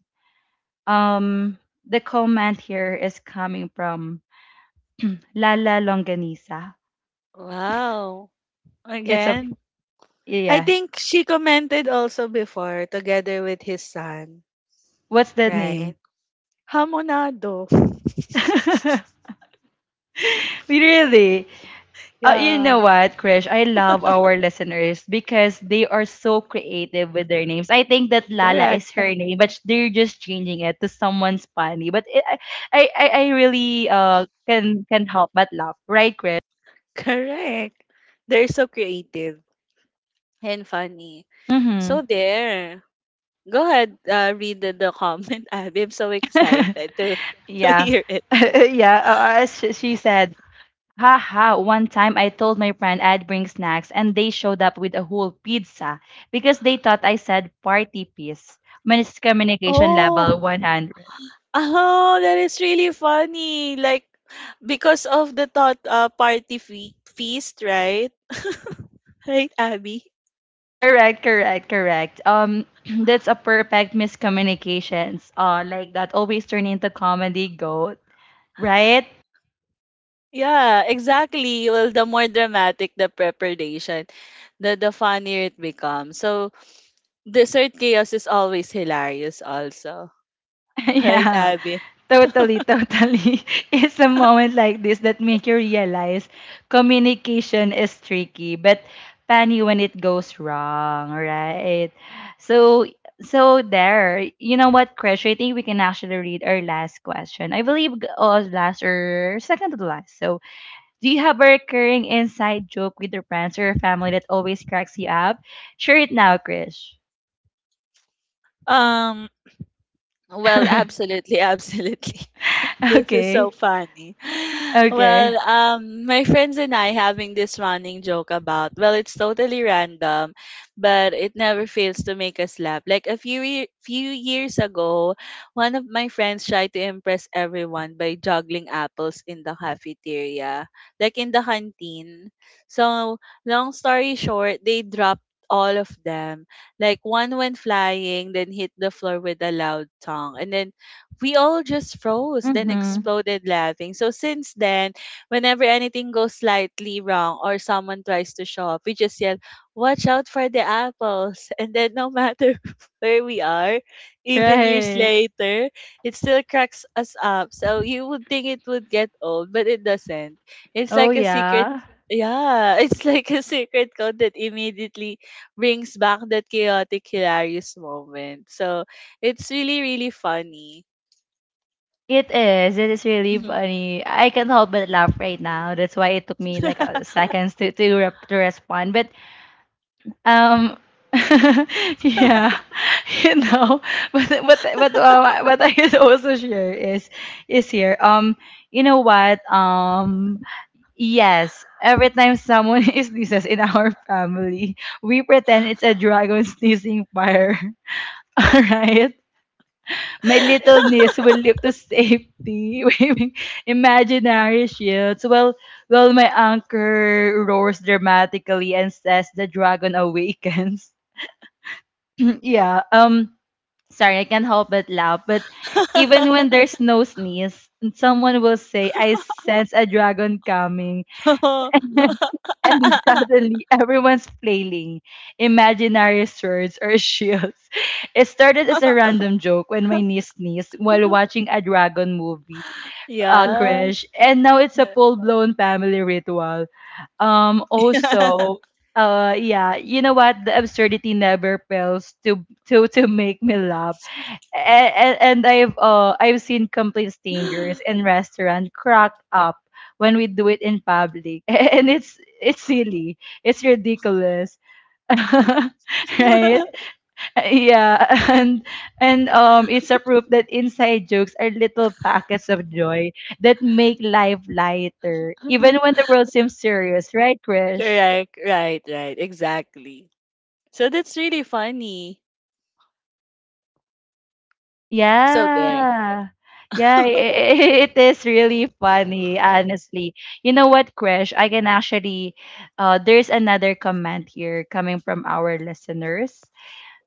Um, the comment here is coming from Lala Longanisa. Wow. It's a Again. I yeah. think she commented also before together with his son, What's the name? right? Hamonado. Really? You know Yeah, what, Krish? I love our listeners because they are so creative with their names. I think that Lala correct, is her name, but they're just changing it to someone's funny. But it, I really can help but laugh, right, Krish? correct. They're so creative and funny. Mm-hmm. So there. Go ahead, read the comment, Abby. I'm so excited to to Yeah, hear it. yeah. As she said, haha. One time, I told my friend I'd bring snacks, and they showed up with a whole pizza because they thought I said party piece. Miscommunication Oh, level 100. oh, that is really funny. Like because of the thought party feast, right? Right, Abby? Correct, correct, correct. That's a perfect miscommunications. Like that always turn into comedy goat, right? Yeah, exactly. Well, the more dramatic the preparation, the funnier it becomes. So dessert chaos is always hilarious also. Right, Yeah, Abby? totally, totally. It's a moment like this that make you realize communication is tricky, but funny when it goes wrong, right? So, so there. You know what, Krish? I think we can actually read our last question. I believe, last or second to the last. So, do you have a recurring inside joke with your friends or your family that always cracks you up? Share it now, Krish. Um, well, absolutely, absolutely. This is Okay. so funny. Well, Okay. My friends and I having this running joke about, well, it's totally random, but it never fails to make us laugh. Like a few years ago, one of my friends tried to impress everyone by juggling apples in the cafeteria, like in the canteen. So, long story short, they dropped all of them. Like one went flying, then hit the floor with a loud thong, and then we all just froze, then Mm-hmm. exploded laughing. So since then, whenever anything goes slightly wrong or someone tries to show up, we just yell, watch out for the apples. And then no matter where we are, even years Right. later, it still cracks us up. So you would think it would get old, but it doesn't. It's Oh like a secret, yeah. yeah, it's like a secret code that immediately brings back that chaotic, hilarious moment. So it's really, really funny. It is. It is really Mhm. funny. I can't help but laugh right now. That's why it took me like seconds to to respond. But um, yeah, you know. But what I could also share is here. You know what? Yes, every time someone is sneezes in our family, we pretend it's a dragon sneezing fire. Alright? My little niece will leap to safety, waving imaginary shields, while my anchor roars dramatically and says the dragon awakens. Yeah, sorry, I can't help but laugh, but even when there's no sneeze, someone will say, I sense a dragon coming. Oo. and suddenly everyone's flailing imaginary swords or shields. It started as a random joke when my niece sneezed while watching a dragon movie, Yeah. crash, and now it's a full blown family ritual. Also, yeah, you know what? The absurdity never fails to to make me laugh and, I've seen complaints dangerous and restaurant crack up when we do it in public, and it's silly, it's ridiculous, right? Yeah, and it's a proof that inside jokes are little packets of joy that make life lighter, even when the world seems serious, right, Krish? Correct. Right, right. Exactly. So that's really funny. So there. Yeah. Yeah, it, it is really funny, honestly. You know what, Krish? I can actually there's another comment here coming from our listeners.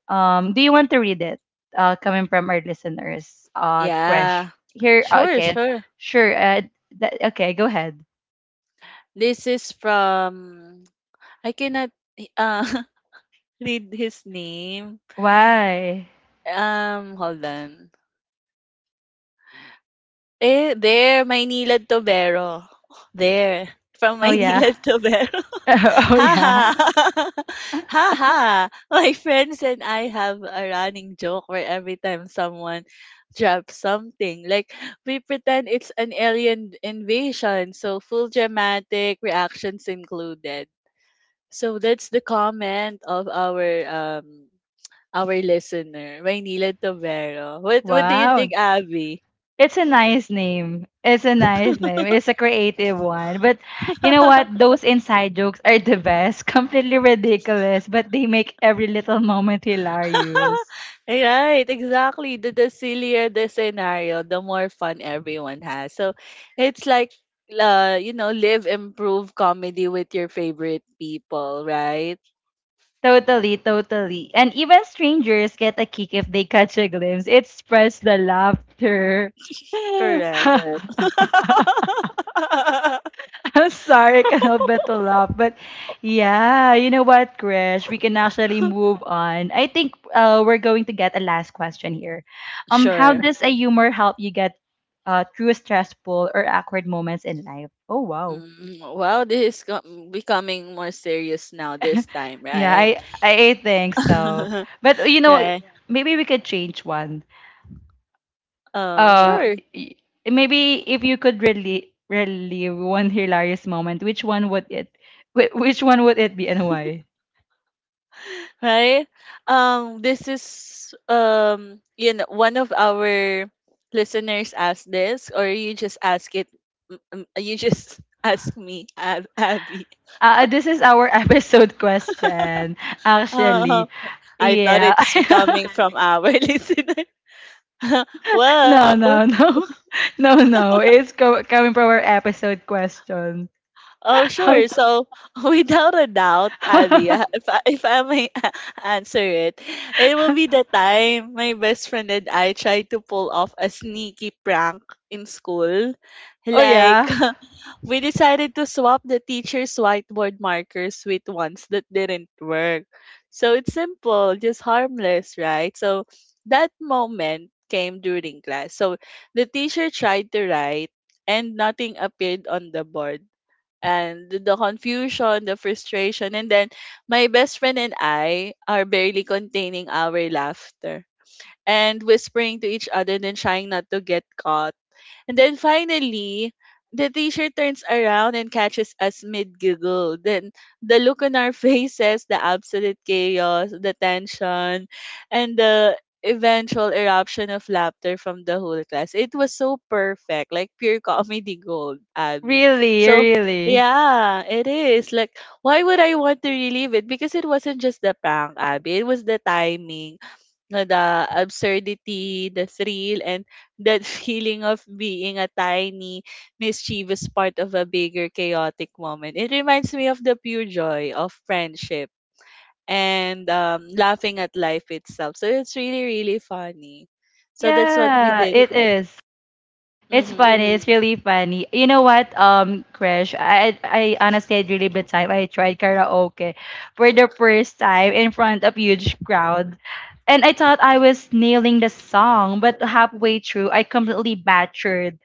Do you want to read it? Coming from our listeners. Krish. Yeah. Here Sure, okay. sure. Sure. That, okay, go ahead. This is from, I cannot uh read his name. Why? Hold on. Eh there, Maynilad Tobero. There from Oh yeah. Maynilad Tobero. Oh Ha yeah. ha ha ha! My friends and I have a running joke where every time someone drops something, like, we pretend it's an alien invasion, so full dramatic reactions included. So that's the comment of our listener, Raynila Tobero. What do you think, Wow. Abby? It's a nice name. It's a nice name. It's a creative one. But you know what? Those inside jokes are the best. Completely ridiculous, but they make every little moment hilarious. Right, exactly. The sillier the scenario, the more fun everyone has. So it's like, you know, live, improve comedy with your favorite people, right? Totally, totally. And even strangers get a kick if they catch a glimpse. It spreads the laughter. Correct. I'm sorry, I cannot help but to laugh. But yeah, you know what, Krish? We can actually move on. I think we're going to get a last question here. How Sure. does a humor help you get through stressful or awkward moments in life? Oh wow. Mm, wow, this is becoming more serious now this time, Yeah, right? I think so. But you know, Yeah. maybe we could change one. Uh, Mm. Sure. y- maybe if you could really relive one hilarious moment, Which one would it be and why? Right? This is you know, one of our listeners asked this, or you just ask it, you just ask me, Abby. This is our episode question, Uh, actually. I thought Yeah. it's coming from our listener. Well, no, no, no. No, no. It's coming from our episode question. oh, Oh, sure. So, without a doubt, Abby, if I may answer it, it will be the time my best friend and I tried to pull off a sneaky prank in school. oh, Like, yeah. we decided to swap the teacher's whiteboard markers with ones that didn't work. So, it's simple, just harmless, right? So, that moment came during class. So, the teacher tried to write, and nothing appeared on the board, and the confusion, the frustration. And then my best friend and I are barely containing our laughter and whispering to each other, then trying not to get caught, and then finally, the teacher turns around and catches us mid giggle. Then the look on our faces, the absolute chaos, the tension, and the eventual eruption of laughter from the whole class. It was so perfect, like pure comedy gold, Abby. Really, So, really. yeah, it is. Like, why would I want to relive it? Because it wasn't just the prank, Abby. It was the timing, know, the absurdity, the thrill, and that feeling of being a tiny, mischievous part of a bigger, chaotic moment. It reminds me of the pure joy of friendship and laughing at life itself. So it's really, really funny. So that's what we Yeah, did. it is. It's Mm-hmm. funny. It's really funny. You know what, Krish? I honestly had really bad time. I tried karaoke for the first time in front of huge crowd. And I thought I was nailing the song, but halfway through I completely butchered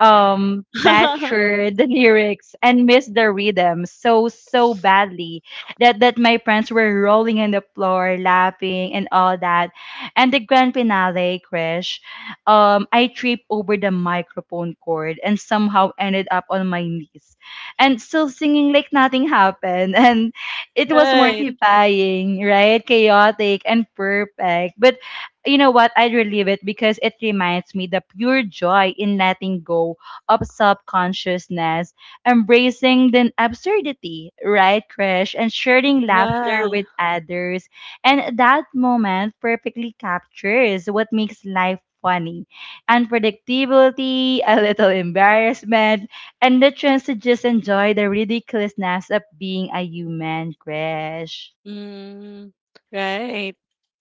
um butcher the lyrics and miss the rhythm so badly that my friends were rolling on the floor laughing and all that and the grand finale crash I tripped over the microphone cord and somehow ended up on my knees and still singing like nothing happened, and it was Right. mortifying, right, chaotic and perfect, but you know what? I'd relieve it because it reminds me the pure joy in letting go of subconsciousness, embracing the absurdity, right, Krish, and sharing laughter Yeah. with others. And that moment perfectly captures what makes life funny. Unpredictability, a little embarrassment, and the chance to just enjoy the ridiculousness of being a human, Krish. Mm, right.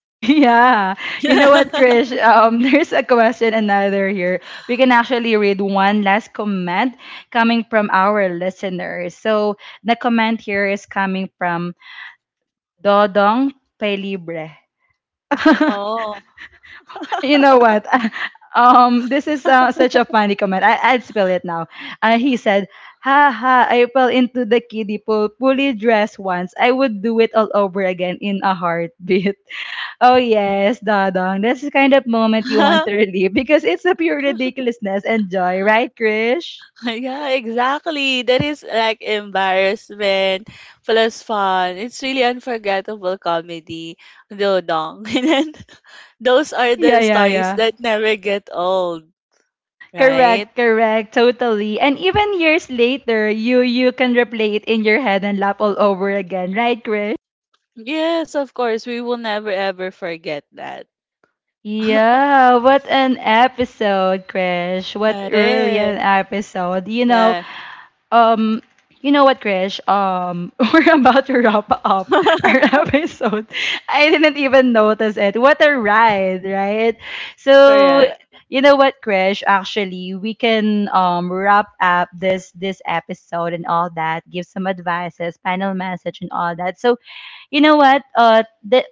Yeah. You know what, Krish? There's a question another here. We can actually read one last comment coming from our listeners. So the comment here is coming from Dodong Pelibre. Oh. You know what? This is such a funny comment. I'd spell it now. He said, "Ha ha! I fell into the kiddie pool, fully dressed once. I would do it all over again in a heartbeat." Oh yes, Dadong. That's the kind of moment you want to relive because it's a pure ridiculousness and joy, right, Krish? Yeah, exactly. That is like embarrassment plus fun. It's really unforgettable comedy, dodong. And then those are Yeah, the yeah, stories yeah. that never get old, right? Correct, correct, totally. And even years later, you can replay it in your head and laugh all over again, right? Yes, of course. We will never ever forget that. Yeah, what an episode, Krish. What really Are. an episode. Yeah. um, you know what, Krish? We're about to wrap up our episode. I didn't even notice it. What a ride, right? So, Correct. you know what, Krish? Actually, we can wrap up this episode and all that. Give some advices, panel message, and all that. So, you know what? Uh, th-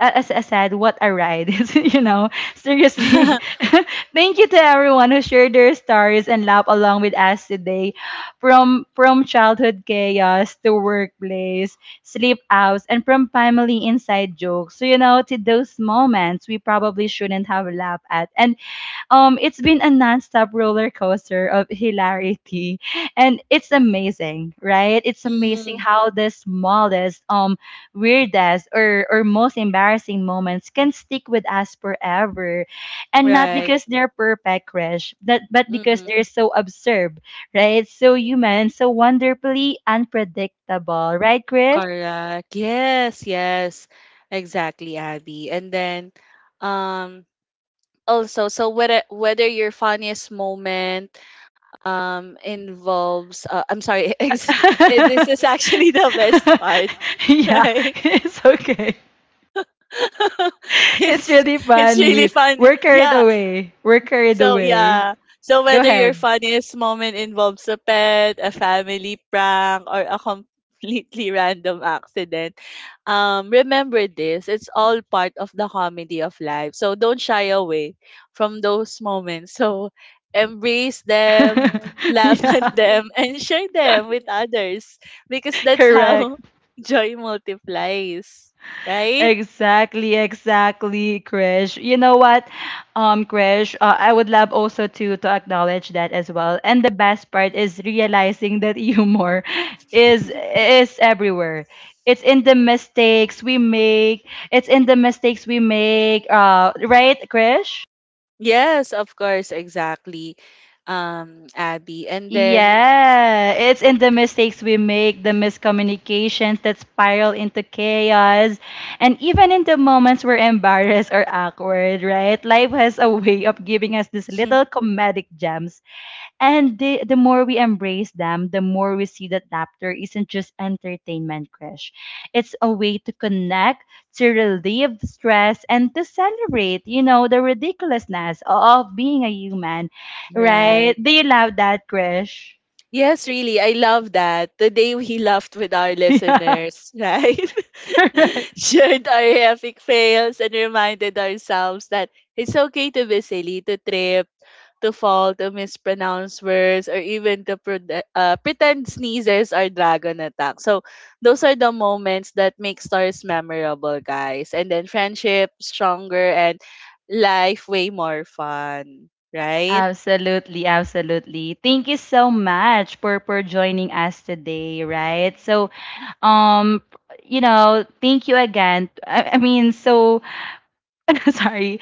a- As I said, what a ride. It's, you know, seriously. Thank you to everyone who shared their stories and laughed along with us today. From childhood chaos to workplace, sleep outs, and from family inside jokes. So, you know, to those moments we probably shouldn't have laughed at. And it's been a nonstop roller coaster of hilarity and it's amazing, right, it's amazing Mm, how the smallest weirdest or most embarrassing moments can stick with us forever and not right. because they're perfect crash, but because hmm they're so absurd, right, so human, so wonderfully unpredictable, right, Krish? Correct. Yes, yes. Exactly, Abby. And then um also, so whether your funniest moment involves I'm sorry, this is actually the best part. Yeah, Right. it's okay. It's it's really it's really funny. funny, We're carried yeah. away. We're carried So away. yeah. So Go whether your ahead. funniest moment involves a pet, a family prank, or a completely random accident, remember this. It's all part of the comedy of life. So don't shy away from those moments. So embrace them, laugh at Yeah, them, and share them with others. Because that's how correct. joy multiplies. Right? Exactly, exactly, Krish. You know what, Krish, I would love also to acknowledge that as well. And the best part is realizing that humor is is everywhere. It's in the mistakes we make. It's in the mistakes we make. Right, Krish? Yes, of course, exactly. Abby. And then Yeah, it's in the mistakes we make, the miscommunications that spiral into chaos, and even in the moments we're embarrassed or awkward, right? Life has a way of giving us these little comedic gems and the more we embrace them, the more we see that laughter isn't just entertainment, Krish. It's a way to connect, to relieve stress, and to celebrate, you know, the ridiculousness of being a human, right? right. Do you love that, Krish? Yes, really. I love that. Today we laughed with our Yeah. listeners, right? Correct. Shared our epic fails and reminded ourselves that it's okay to be silly, to trip, to fall, to mispronounce words, or even to pretend sneezes are dragon attack. So those are the moments that make stars memorable, guys. And then friendship stronger and life way more fun, right? Absolutely, absolutely. Thank you so much for joining us today, right? So, um, you know, thank you again. Sorry.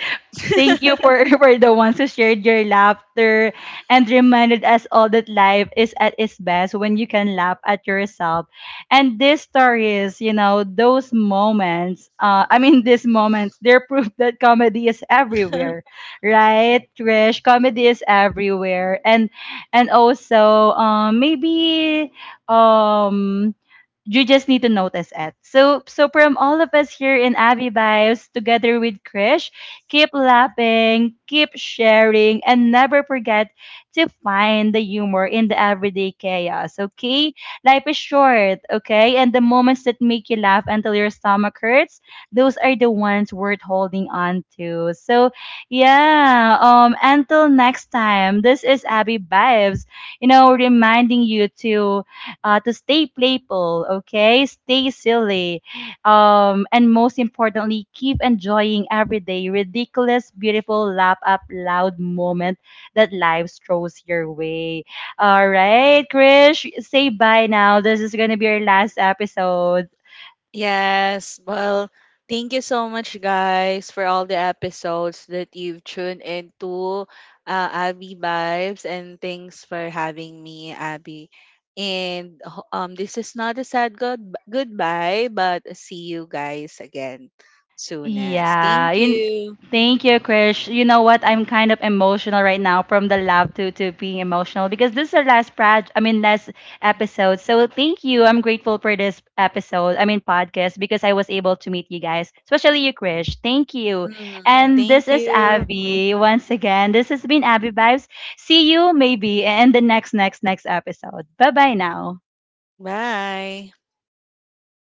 Thank you for, for the ones who shared your laughter and reminded us all that life is at its best when you can laugh at yourself. And these stories, you know, those moments, I mean, these moments, they're proof that comedy is everywhere, right, Trish? Comedy is everywhere. And also, maybe um, you just need to notice it. So, so from all of us here in Abby Vibes, together with Krish, keep laughing, keep sharing, and never forget to find the humor in the everyday chaos. Okay, life is short. Okay, and the moments that make you laugh until your stomach hurts, those are the ones worth holding on to. So, yeah. Until next time, this is Abby Vibes. You know, reminding you to stay playful, okay? Stay silly. And most importantly, keep enjoying every day. Ridiculous, beautiful, laugh up loud moment that life throws your way. All right, Krish, say bye now. This is going to be your last episode. Yes. Well, thank you so much, guys, for all the episodes that you've tuned into, Abby Vibes, and thanks for having me, Abby. And this is not a sad good goodbye, but see you guys again soonest. Yeah. Thank You, you. thank you, Krish. You know what? I'm kind of emotional right now from the love to being emotional because this is our last project, I mean, last episode. So thank you. I'm grateful for this episode, I mean, podcast, because I was able to meet you guys, especially you, Krish. Thank you. Mhm. And Thank this is you. Abby once again. This has been Abby Vibes. See you maybe in the next, next, next episode. Bye bye now. Bye.